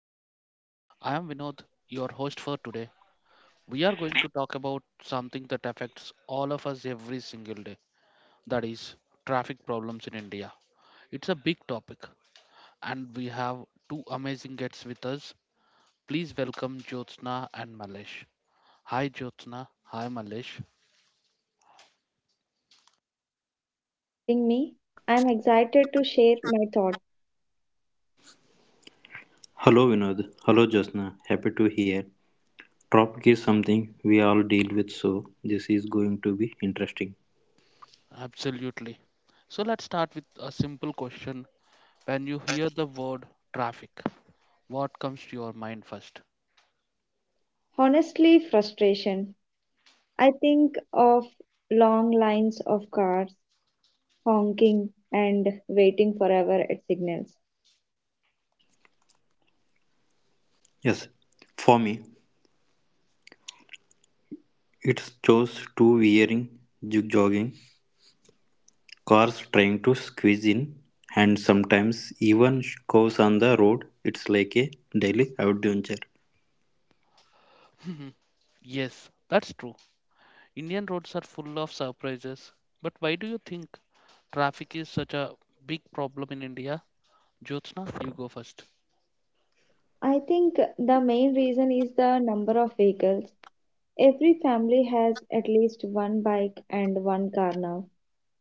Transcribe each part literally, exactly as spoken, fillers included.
podcast. I am Vinod, your host for today. We are going to talk about something that affects all of us every single day, that is, traffic problems in India. It's a big topic, and we have two amazing guests with us. Please welcome Jyotsna and Malesh. Hi, Jyotsna. Hi, Malesh. Hi Vinod, thank you for inviting me. I'm excited to share my thought. Hello Vinod, hello Jasna, happy to hear. Topic is something we all deal with, so this is going to be interesting. Absolutely. So, let's start with a simple question. When you hear the word traffic, what comes to your mind first? Honestly, frustration. I think of long lines of cars, honking, and waiting forever at signals. Yes, for me, it's chose to wearing, jig jogging, cars trying to squeeze in, and sometimes even cows on the road. It's like a daily adventure. Yes, that's true. Indian roads are full of surprises. But why do you think traffic is such a big problem in India? Jyotsna, you go first. I think the main reason is the number of vehicles. Every family has at least one bike and one car now,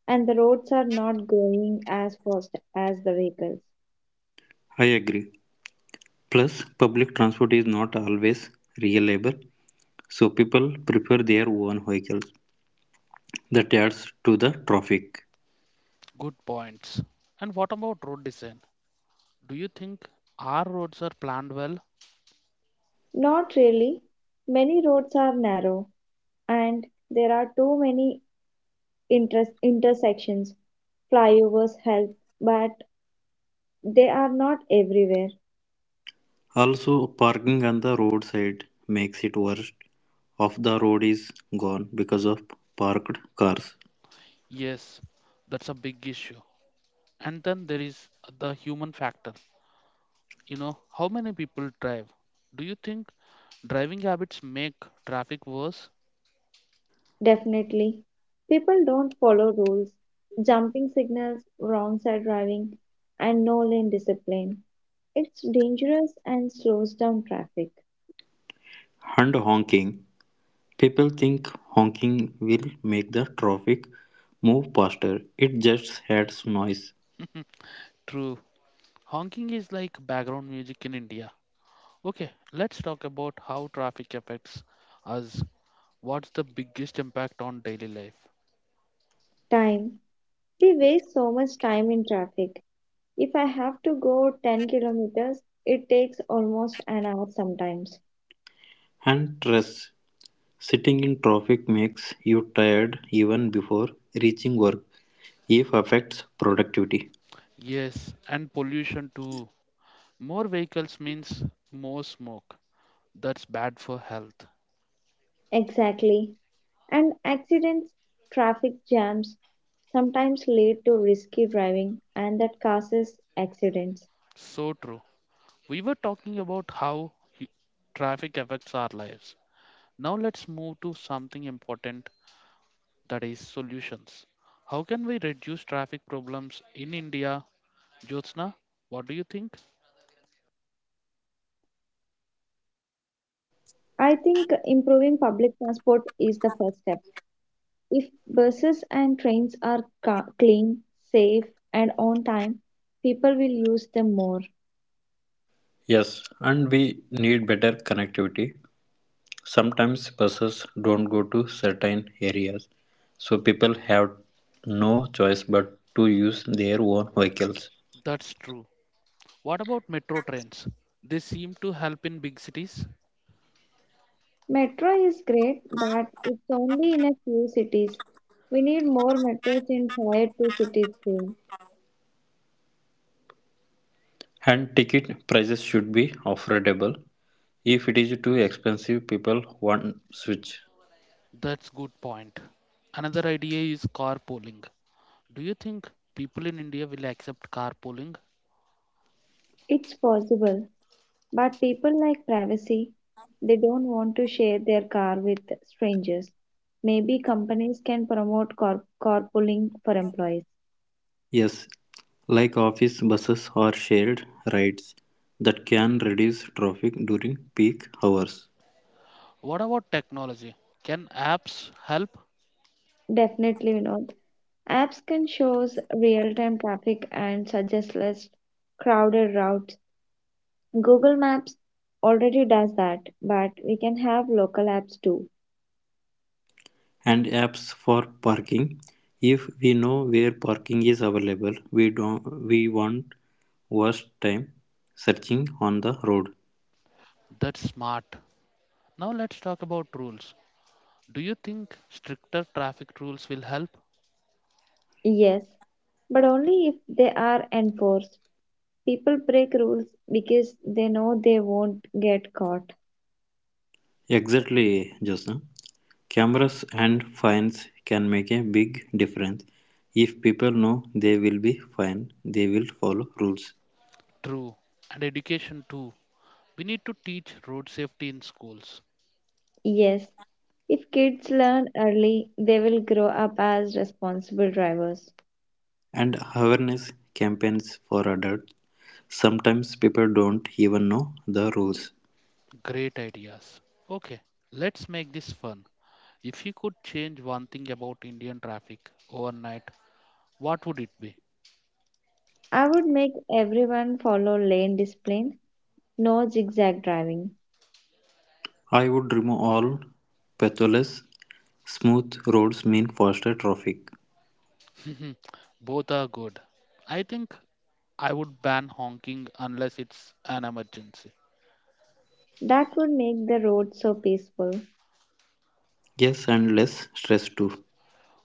and the roads are not going as fast as the vehicles. I agree. Plus, public transport is not always reliable, so people prefer their own vehicles that adds to the traffic. Good points. And what about road design? Do you think our roads are planned well? Not really. Many roads are narrow, and there are too many inter- intersections. Flyovers help, but they are not everywhere. Also, parking on the roadside makes it worse. Half the road is gone because of parked cars. Yes, that's a big issue. And then there is the human factor. You know, how many people drive? Do you think driving habits make traffic worse? Definitely. People don't follow rules. Jumping signals, wrong side driving, and no lane discipline. It's dangerous and slows down traffic. And honking. People think honking will make the traffic move faster. It just adds noise True. Honking is like background music in India. Okay, let's talk about how traffic affects us. What's the biggest impact on daily life? Time. We waste so much time in traffic. If I have to go ten kilometers, it takes almost an hour sometimes. and stress. Sitting in traffic makes you tired even before reaching work. If affects productivity. Yes, and pollution too. More vehicles means more smoke. That's bad for health. Exactly. And accidents, traffic jams sometimes lead to risky driving and that causes accidents. So true. We were talking about how hu- traffic affects our lives. Now let's move to something important, that is solutions. How can we reduce traffic problems in India? Jyotsna, what do you think? I think improving public transport is the first step. If buses and trains are ca- clean, safe, and on time, people will use them more. Yes, and we need better connectivity. Sometimes buses don't go to certain areas, so people have no choice but to use their own vehicles. That's true. What about metro trains? They seem to help in big cities. Metro is great, but it's only in a few cities. We need more metros in tier two cities too. And ticket prices should be affordable. If it is too expensive, people won't switch. That's good point. Another idea is carpooling. Do you think people in India will accept carpooling? It's possible, but people like privacy. They don't want to share their car with strangers. Maybe companies can promote car- carpooling for employees. Yes, like office buses or shared rides that can reduce traffic during peak hours. What about technology? Can apps help? Definitely, Vinod. Apps can show real-time traffic and suggest less crowded routes. Google Maps already does that, but we can have local apps too. And apps for parking. If we know where parking is available, we don't we won't waste time searching on the road. That's smart. Now let's talk about rules. Do you think stricter traffic rules will help? Yes, but only if they are enforced. People break rules because they know they won't get caught. Exactly, Josna. Cameras and fines can make a big difference. If people know they will be fined, they will follow rules. True. And education too. We need to teach road safety in schools. Yes, if kids learn early, they will grow up as responsible drivers. And awareness campaigns for adults. Sometimes people don't even know the rules. Great ideas. Okay, let's make this fun. If you could change one thing about Indian traffic overnight, what would it be? I would make everyone follow lane discipline, no zigzag driving. I would remove all pathless smooth roads mean faster traffic. Both are good. I think I would ban honking unless it's an emergency. That would make the road so peaceful. Yes, and less stress too.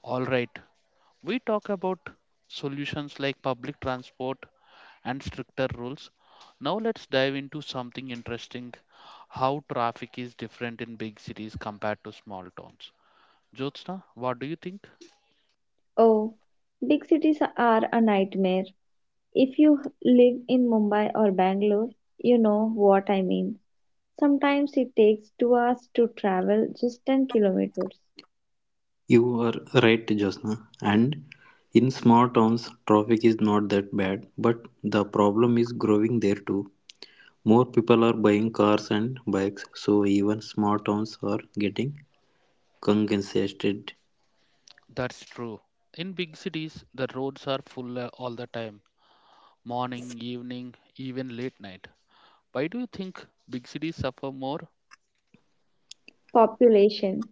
All right, we talk about solutions like public transport and stricter rules. Now let's dive into something interesting, how traffic is different in big cities compared to small towns. Jyotsna, what do you think? Oh, big cities are a nightmare. If you live in Mumbai or Bangalore, you know what I mean. Sometimes it takes two hours to travel just ten kilometers. You are right, Josna. And in small towns, traffic is not that bad, but the problem is growing there too. More people are buying cars and bikes, so even small towns are getting congested. That's true. In big cities, the roads are full uh, all the time. Morning, evening, even late night. Why do you think big cities suffer more? Population.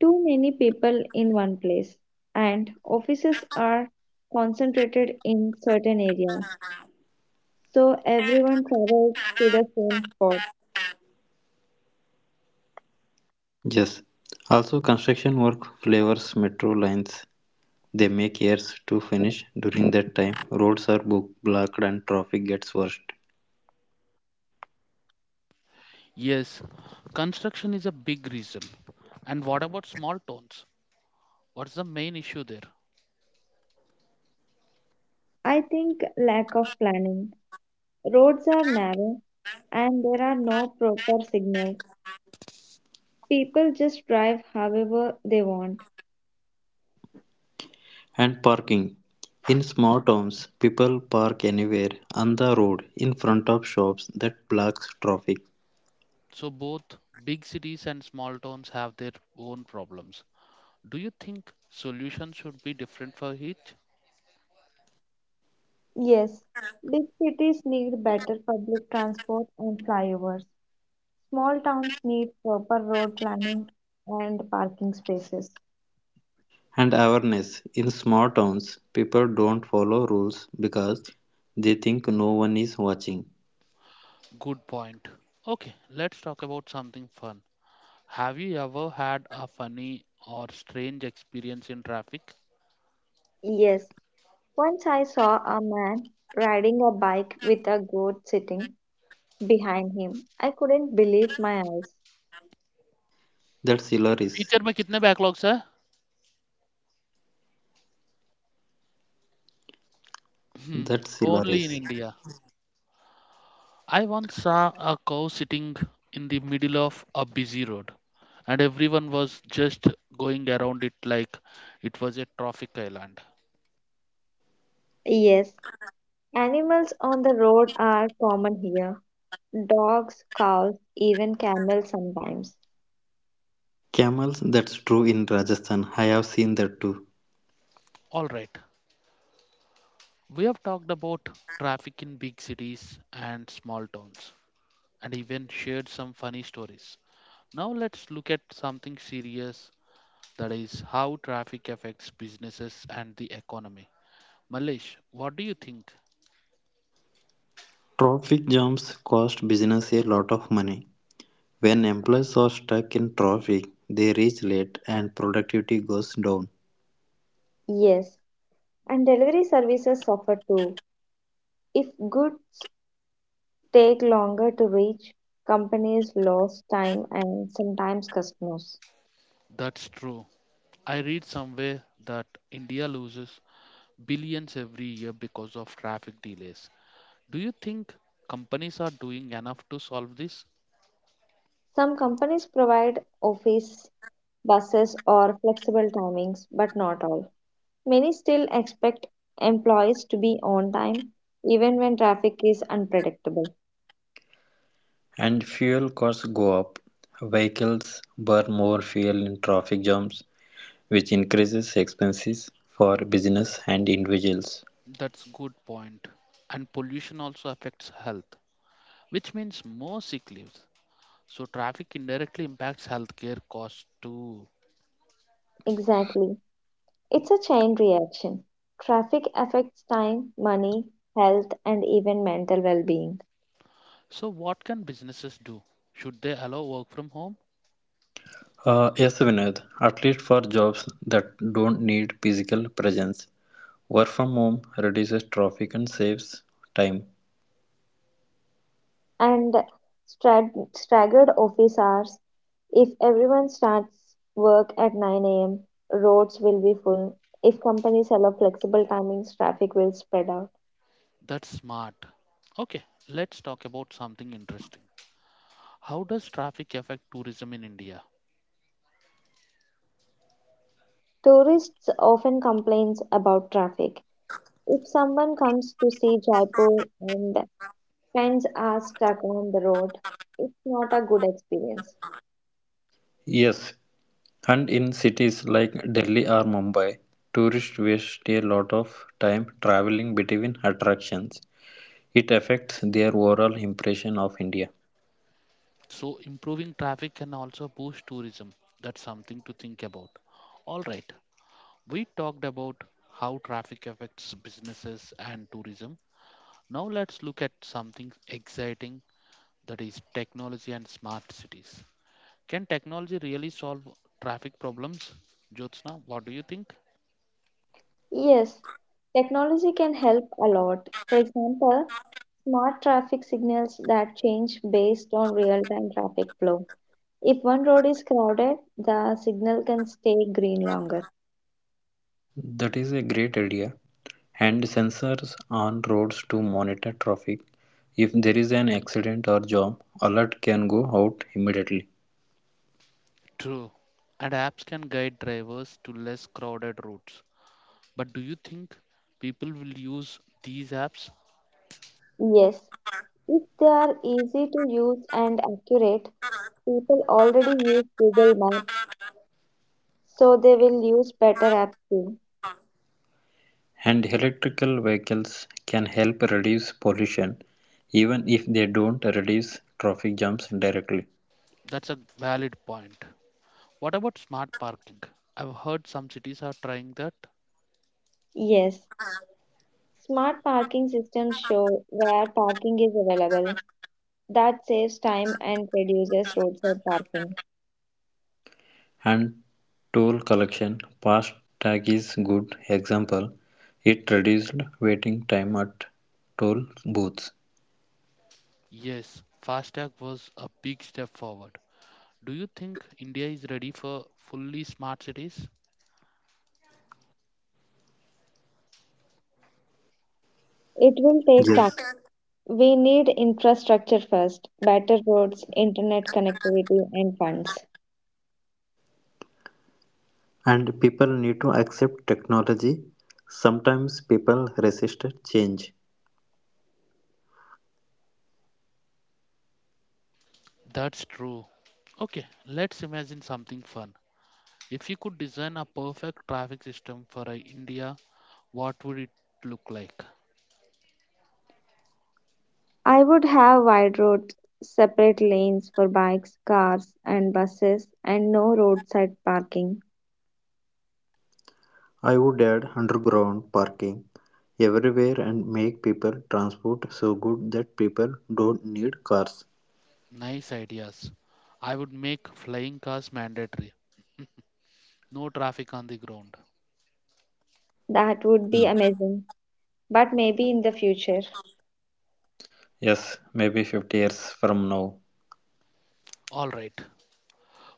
Too many people in one place, and offices are concentrated in certain areas, so everyone travels to the same spot. Yes. Also, construction work flavors metro lines. They make errors to finish; during that time, roads are book blocked and traffic gets worse. Yes, construction is a big reason. And what about small towns? What's the main issue there? I think lack of planning. Roads are narrow and there are no proper signals. People just drive however they want. And parking. In small towns, people park anywhere on the road in front of shops that blocks traffic. So, both big cities and small towns have their own problems. Do you think solutions should be different for each? Yes, big cities need better public transport and flyovers. Small towns need proper road planning and parking spaces. And awareness. In small towns, people don't follow rules because they think no one is watching. Good point. Okay, let's talk about something fun. Have you ever had a funny or strange experience in traffic? Yes, once I saw a man riding a bike with a goat sitting behind him. I couldn't believe my eyes. That's hilarious. Future में कितने backlogs है That's Only in hilarious. India. I once saw a cow sitting in the middle of a busy road, and everyone was just going around it like it was a traffic island. Yes, animals on the road are common here. Dogs, cows, even camels sometimes. Camels, that's true in Rajasthan. I have seen that too. All right, we have talked about traffic in big cities and small towns, and even shared some funny stories. Now let's look at something serious, that is how traffic affects businesses and the economy. Malesh, what do you think? Traffic jams cost business a lot of money. When employees are stuck in traffic, they reach late and productivity goes down. Yes, and delivery services suffer too. If goods take longer to reach, companies lose time and sometimes customers. That's true. I read somewhere that India loses billions every year because of traffic delays. Do you think companies are doing enough to solve this? Some companies provide office buses or flexible timings, but not all. Many still expect employees to be on time, even when traffic is unpredictable. And fuel costs go up. Vehicles burn more fuel in traffic jams, which increases expenses for business and individuals. That's good point. And pollution also affects health, which means more sick leaves. So traffic indirectly impacts healthcare costs too. Exactly. It's a chain reaction. Traffic affects time, money, health, and even mental well being. So what can businesses do? Should they allow work from home? Uh, yes, Vinod, at least for jobs that don't need physical presence, work from home reduces traffic and saves time. And strag- staggered office hours. If everyone starts work at nine a m, roads will be full. If companies allow flexible timings, traffic will spread out. That's smart. Okay, let's talk about something interesting. How does traffic affect tourism in India? Tourists often complain about traffic. If someone comes to see Jaipur and the friends are stuck on the road, it's not a good experience. Yes, and in cities like Delhi or Mumbai, tourists waste a lot of time traveling between attractions. It affects their overall impression of India. So, improving traffic can also boost tourism. That's something to think about. All right, we talked about how traffic affects businesses and tourism. Now, let's look at something exciting, that is technology and smart cities. Can technology really solve traffic problems? Jyotsna, what do you think? Yes, technology can help a lot. For example, smart traffic signals that change based on real time traffic flow. If one road is crowded, the signal can stay green longer. That is a great idea. And sensors on roads to monitor traffic. If there is an accident or jam, alert can go out immediately. True. And apps can guide drivers to less crowded routes. But do you think people will use these apps? Yes, if they are easy to use and accurate, people already use Google Maps, so they will use better apps too. And electrical vehicles can help reduce pollution, even if they don't reduce traffic jams directly. That's a valid point. What about smart parking? I've heard some cities are trying that. Yes, smart parking systems show where parking is available. That saves time and reduces roadside parking. And toll collection fast tag is good example, it reduced waiting time at toll booths. Yes, FASTag was a big step forward. Do you think India is ready for fully smart cities? It will take time. Yes, We need infrastructure first, better roads, internet connectivity, and funds. and people need to accept technology. Sometimes people resist change. That's true. Okay, let's imagine something fun. If you could design a perfect traffic system for uh, India, what would it look like? I would have wide roads, separate lanes for bikes, cars, and buses, and no roadside parking. I would add underground parking everywhere and make people transport so good that people don't need cars. Nice ideas. I would make flying cars mandatory. No traffic on the ground. That would be Hmm. amazing, but maybe in the future. Yes, maybe fifty years from now. All right,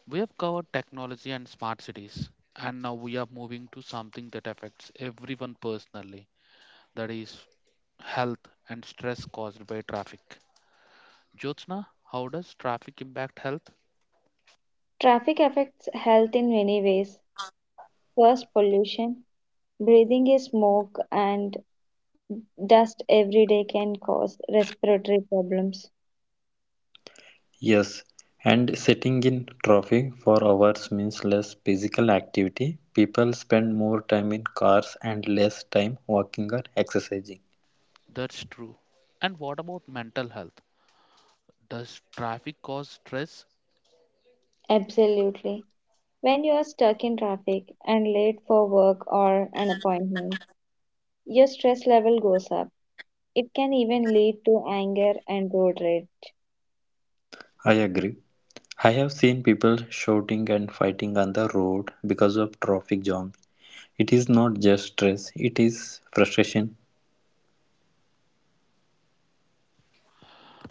we have covered technology and smart cities, and now we are moving to something that affects everyone personally, that is, health and stress caused by traffic. Jyotsna, how does traffic impact health? Traffic affects health in many ways. First, pollution. Breathing in smoke and dust every day can cause respiratory problems. Yes, and sitting in traffic for hours means less physical activity. People spend more time in cars and less time walking or exercising. That's true. And what about mental health? Does traffic cause stress? Absolutely. When you are stuck in traffic and late for work or an appointment, your stress level goes up. It can even lead to anger and road rage. I agree. I have seen people shouting and fighting on the road because of traffic jams. It is not just stress, it is frustration.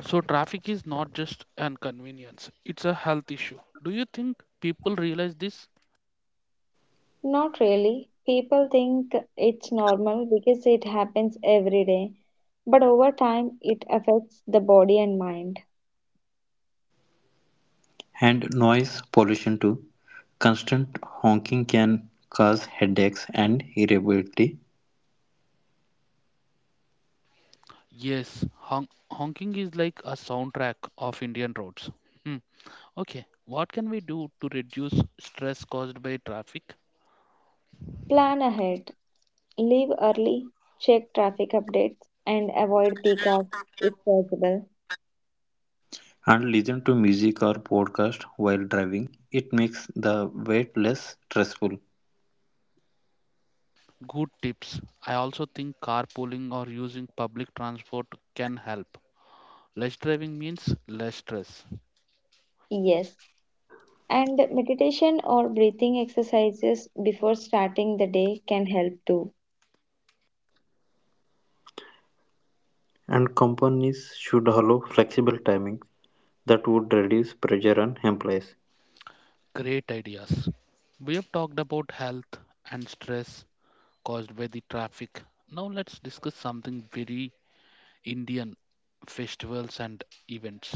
So, traffic is not just an convenience, it's a health issue. Do you think people realize this? Not really. People think it's normal because it happens every day, but over time it affects the body and mind. And noise pollution too. Constant honking can cause headaches and irritability. Yes, hon- honking is like a soundtrack of Indian roads. Hmm. Okay, what can we do to reduce stress caused by traffic? Plan ahead. Leave early, check traffic updates, and avoid peak hours if possible. And listen to music or podcast while driving. It makes the wait less stressful. Good tips. I also think carpooling or using public transport can help. Less driving means less stress. Yes. And meditation or breathing exercises before starting the day can help too. And companies should allow flexible timings that would reduce pressure on employees. Great ideas. We have talked about health and stress caused by the traffic. Now let's discuss something very Indian, festivals and events.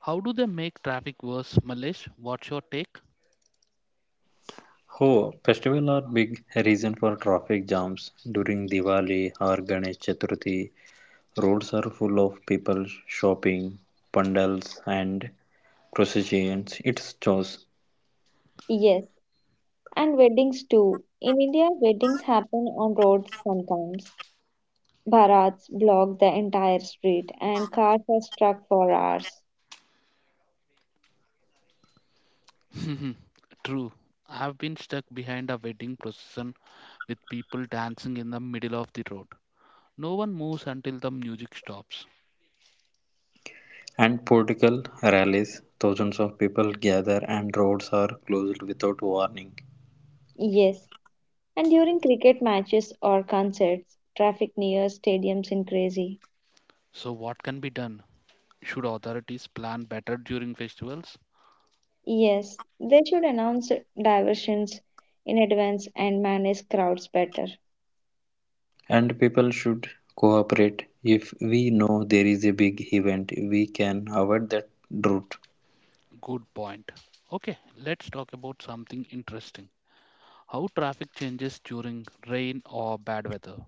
How do they make traffic worse, Malesh? What's your take? Oh, festivals are big reason for traffic jams. During Diwali or Ganesh Chaturthi, roads are full of people shopping, pandals and processions. It's chaos. Yes. And weddings too. In India, weddings happen on roads sometimes. Bharats block the entire street and cars are stuck for hours. True. I've been stuck behind a wedding procession with people dancing in the middle of the road. No one moves until the music stops. And political rallies. Thousands of people gather and roads are closed without warning. Yes. And during cricket matches or concerts, traffic near stadiums is crazy. So, what can be done? Should authorities plan better during festivals? Yes, they should announce diversions in advance and manage crowds better. And people should cooperate. If we know there is a big event, we can avoid that route. Good point. Okay, let's talk about something interesting, how traffic changes during rain or bad weather.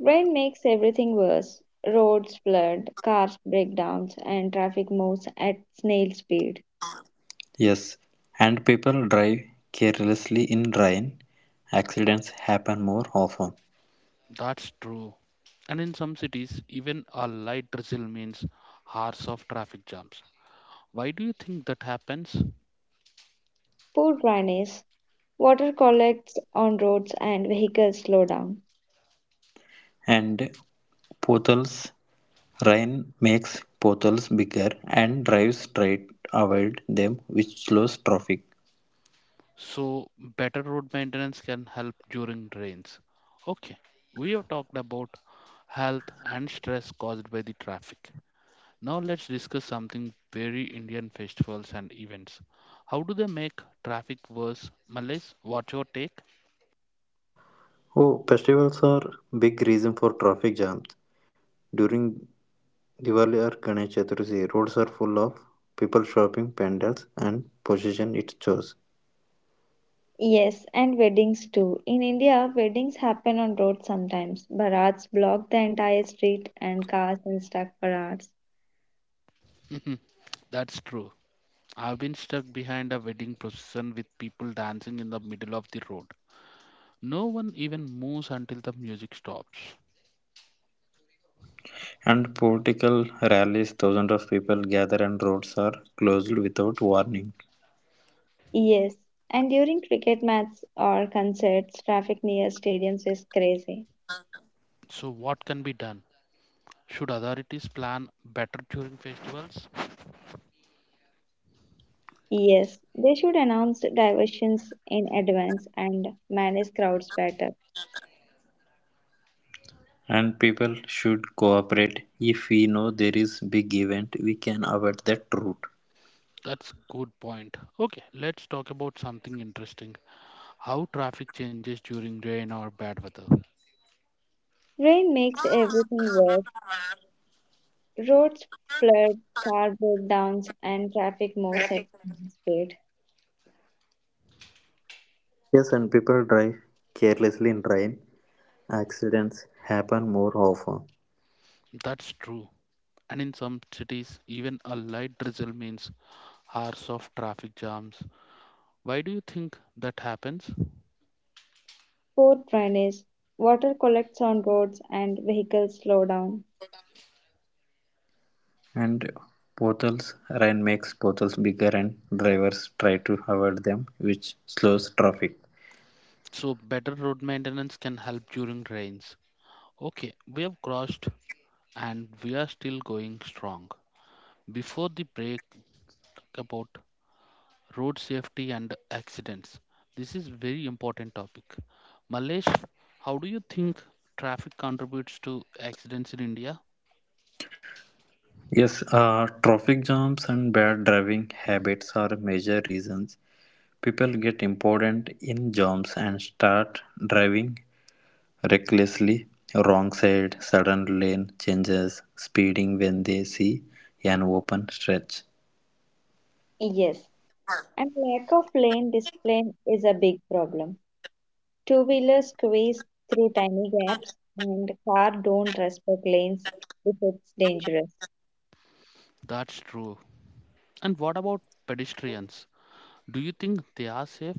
Rain makes everything worse. Roads flood, cars break down, and traffic moves at snail speed. Yes, and people drive carelessly in rain. Accidents happen more often. That's true. And in some cities, even a light drizzle means hours of traffic jams. Why do you think that happens? Poor drainage, water collects on roads and vehicles slow down. And potholes, rain makes potholes bigger and drives straight avoid them, which slows traffic. So, better road maintenance can help during rains. Okay, we have talked about health and stress caused by the traffic. Now, let's discuss something very Indian, festivals and events. How do they make traffic worse? Malays, what's your take? Oh, festivals are big reason for traffic jams. During Diwali or Ganesh Chaturthi, roads are full of people shopping pandals and possession it shows. Yes, and weddings too. In India, weddings happen on roads sometimes. Barats block the entire street and cars are stuck for hours. Mhm. That's true. I've been stuck behind a wedding procession with people dancing in the middle of the road. No one even moves until the music stops. And political rallies, thousands of people gather and roads are closed without warning. Yes, and during cricket matches or concerts, traffic near stadiums is crazy. So, what can be done? Should authorities plan better during festivals? Yes, they should announce diversions in advance and manage crowds better. And people should cooperate. If we know there is big event, we can avoid that route. That's good point. Okay, let's talk about something interesting. How traffic changes during rain or bad weather. Rain makes everything worse. Roads flood, car breakdowns, and traffic moves at speed. Yes, and people drive carelessly in rain. Accidents happen more often. That's true. And in some cities, even a light drizzle means hours of traffic jams. Why do you think that happens? Poor drainage, water collects on roads, and vehicles slow down. And potholes rain makes potholes bigger and drivers try to avoid them which slows traffic. So better road maintenance can help during rains. Okay, we have crossed and we are still going strong. Before the break, about road safety and accidents. This is very important topic. Malesh, how do you think traffic contributes to accidents in India? Yes, uh, traffic jams and bad driving habits are major reasons people get important in jams and start driving recklessly, wrong side sudden lane changes speeding when they see an open stretch. Yes, and lack of lane discipline is a big problem. Two-wheelers squeeze through tiny gaps, and cars don't respect lanes if it's dangerous. That's true. And what about pedestrians? Do you think they are safe?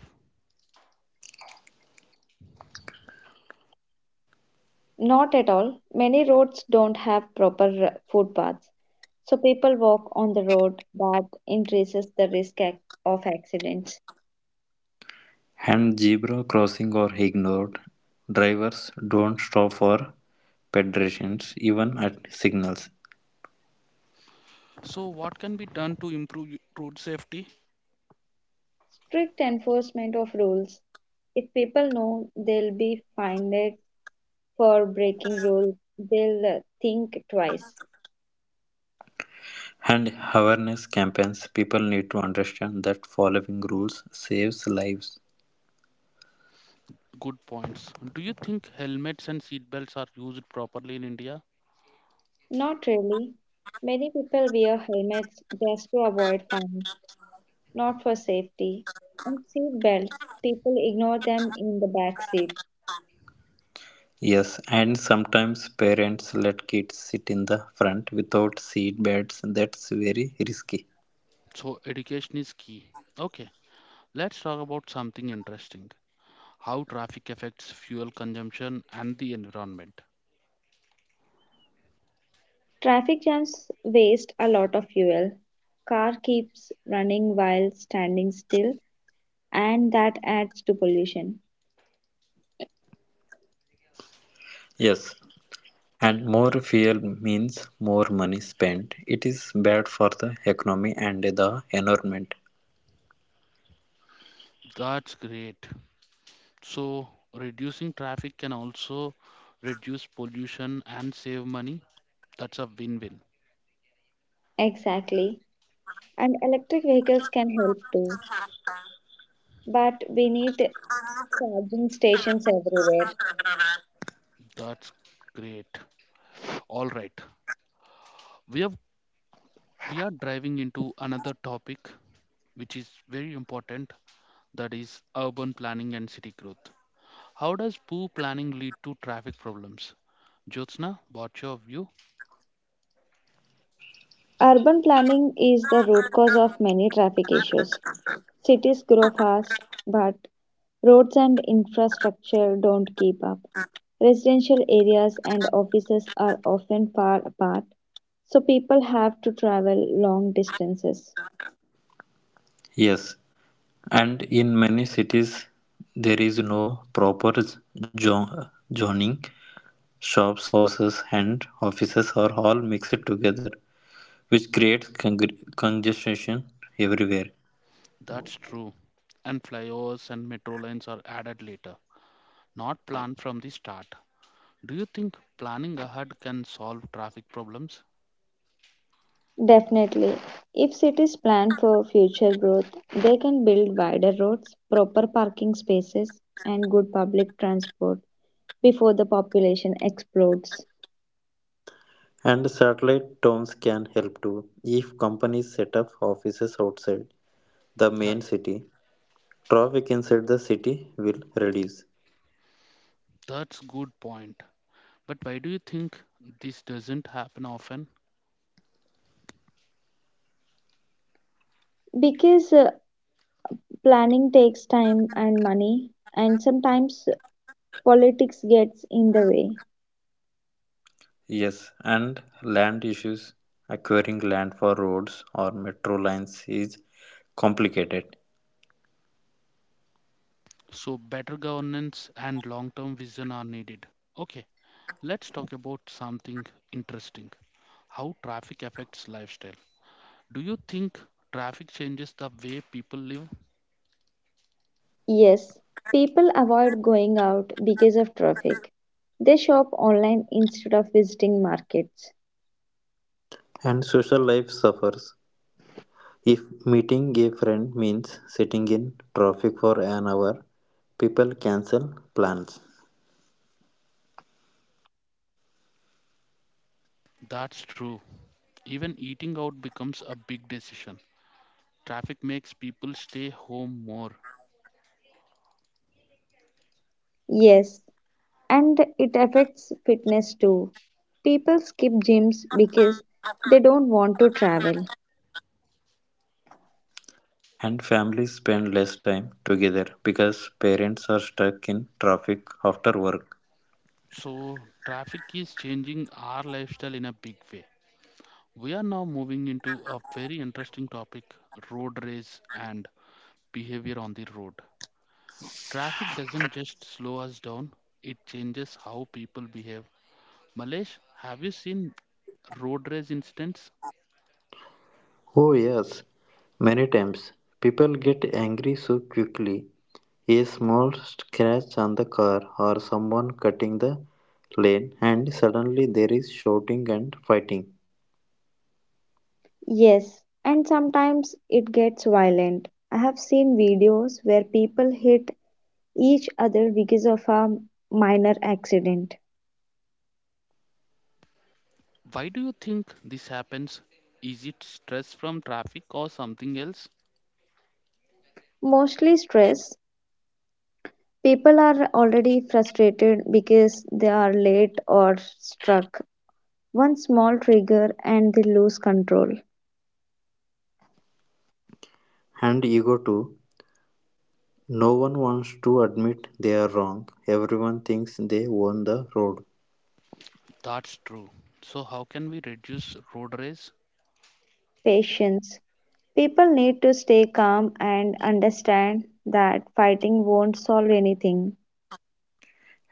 Not at all. Many roads don't have proper uh, footpaths, so people walk on the road. That increases the risk ac- of accidents. And zebra crossing are ignored; drivers don't stop for pedestrians even at signals. So, what can be done to improve y- road safety? Strict enforcement of rules. If people know they'll be fined for breaking rules, they'll uh, think twice. And awareness campaigns people need to understand that following rules saves lives. Good points. Do you think helmets and seat belts are used properly in India? Not really. Many people wear helmets just to avoid fines not for safety. And seat belts, people ignore them in the back seat. Yes, and sometimes parents let kids sit in the front without seat belts. That's very risky. So education is key. Okay, let's talk about something interesting. How traffic affects fuel consumption and the environment. Traffic jams waste a lot of fuel. Car keeps running while standing still, and that adds to pollution. Yes, and more fuel means more money spent. It is bad for the economy and the environment. That's great. So, reducing traffic can also reduce pollution and save money. That's a win-win. Exactly. And electric vehicles can help too, but we need charging stations everywhere. That's great. All right. We have we are driving into another topic which is very important, that is urban planning and city growth. How does poor planning lead to traffic problems? Jyotsna, what's your view? Urban planning is the root cause of many traffic issues. Cities grow fast, but roads and infrastructure don't keep up. Residential areas and offices are often far apart, so people have to travel long distances. Yes, and in many cities, there is no proper zo- zoning. Shops, houses, and offices are all mixed together, which creates con- congestion everywhere. That's true. And flyovers and metro lines are added later, not planned from the start. Do you think planning ahead can solve traffic problems? Definitely, if cities plan for future growth, they can build wider roads, proper parking spaces, and good public transport before the population explodes. And satellite towns can help too. If companies set up offices outside the That, main city, traffic inside the city will reduce. that's good point. But why do you think this doesn't happen often? Because uh, planning takes time and money, and sometimes politics gets in the way. Yes, and land issues. Acquiring land for roads or metro lines is complicated. So better governance and long-term vision are needed. Okay, let's talk about something interesting, how traffic affects lifestyle. Do you think traffic changes the way people live? Yes, people avoid going out because of traffic. They shop online instead of visiting markets. And social life suffers. If meeting a friend means sitting in traffic for an hour, people cancel plans. That's true. Even eating out becomes a big decision. Traffic makes people stay home more. Yes, and it affects fitness too. People skip gyms because they don't want to travel. And families spend less time together because parents are stuck in traffic after work. So, traffic is changing our lifestyle in a big way. We are now moving into a very interesting topic, road race and behavior on the road. Traffic doesn't just slow us down, it changes how people behave. Malesh, have you seen road race incidents? Oh, yes, many times people get angry so quickly. A small scratch on the car or someone cutting the lane, and suddenly there is shouting and fighting. Yes, and sometimes it gets violent. I have seen videos where people hit each other because of a minor accident. Why do you think this happens? Is it stress from traffic or something else? Mostly stress, people are already frustrated because they are late or struck. One small trigger and they lose control. And ego too. No one wants to admit they are wrong. Everyone thinks they own the road. That's true. So, how can we reduce road race? Patience. People need to stay calm and understand that fighting won't solve anything.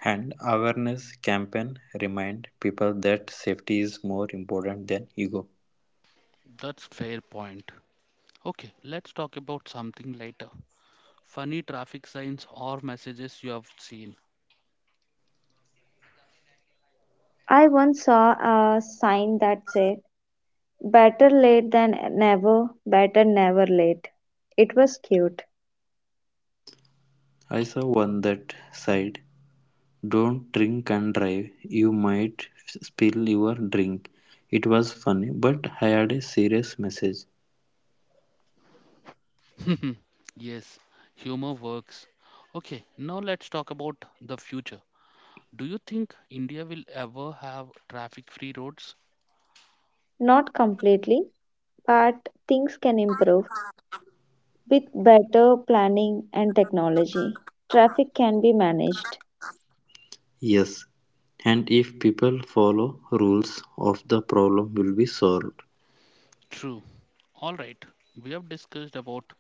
And awareness campaign remind people that safety is more important than ego. That's fair point. Okay, let's talk about something later. Funny traffic signs or messages you have seen. I once saw a sign that said, better late than never, better never late. It was cute. I saw one that said, "Don't drink and drive. You might spill your drink." It was funny, but I had a serious message. Yes, humor works. Okay, now let's talk about the future. Do you think India will ever have traffic free roads? Not completely, but things can improve. With better planning and technology, traffic can be managed. Yes, and if people follow rules, of the problem will be solved. True. All right, we have discussed about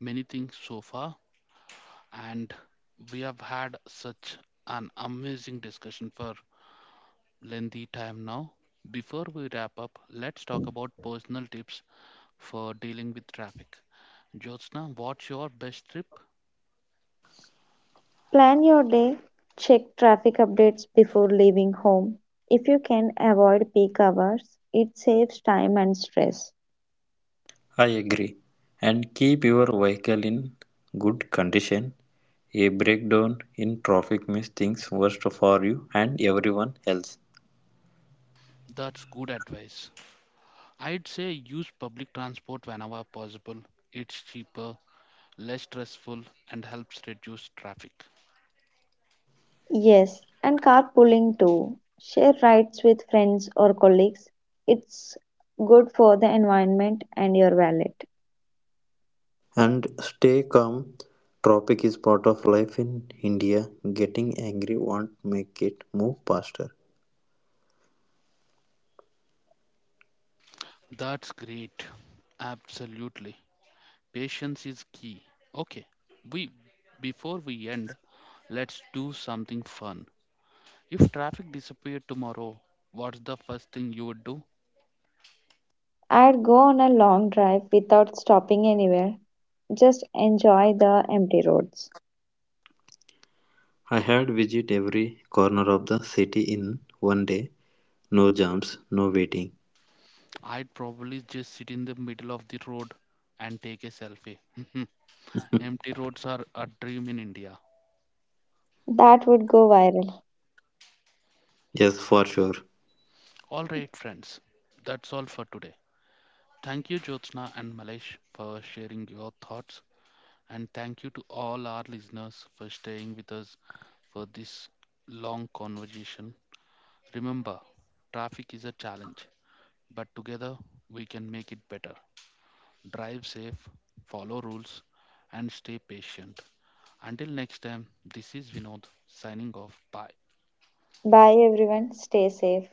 many things so far, and we have had such an amazing discussion for lengthy time now. Before we wrap up, let's talk about personal tips for dealing with traffic. Jyotsna, what's your best tip? Plan your day, check traffic updates before leaving home. If you can avoid peak hours, it saves time and stress. I agree. And keep your vehicle in good condition. A breakdown in traffic makes things worse for you and everyone else. That's good advice. I'd say use public transport whenever possible. It's cheaper, less stressful, and helps reduce traffic. Yes, and carpooling too. Share rides with friends or colleagues. It's good for the environment and your wallet. And stay calm. Traffic is part of life in India. Getting angry won't make it move faster. That's great. Absolutely. Patience is key. Okay. We Before we end, let's do something fun. If traffic disappeared tomorrow, what's the first thing you would do? I'd go on a long drive without stopping anywhere. Just enjoy the empty roads. I had visit every corner of the city in one day. No jumps, no waiting. I'd probably just sit in the middle of the road and take a selfie. Empty roads are a dream in India. That would go viral. yes, for sure. All right, friends, that's all for today. Thank you, Jyotsna and Malesh, for sharing your thoughts, and thank you to all our listeners for staying with us for this long conversation. Remember, traffic is a challenge, but together we can make it better. Drive safe, follow rules, and stay patient. Until next time, this is Vinod signing off. Bye. Bye everyone, stay safe.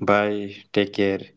Bye. Take care.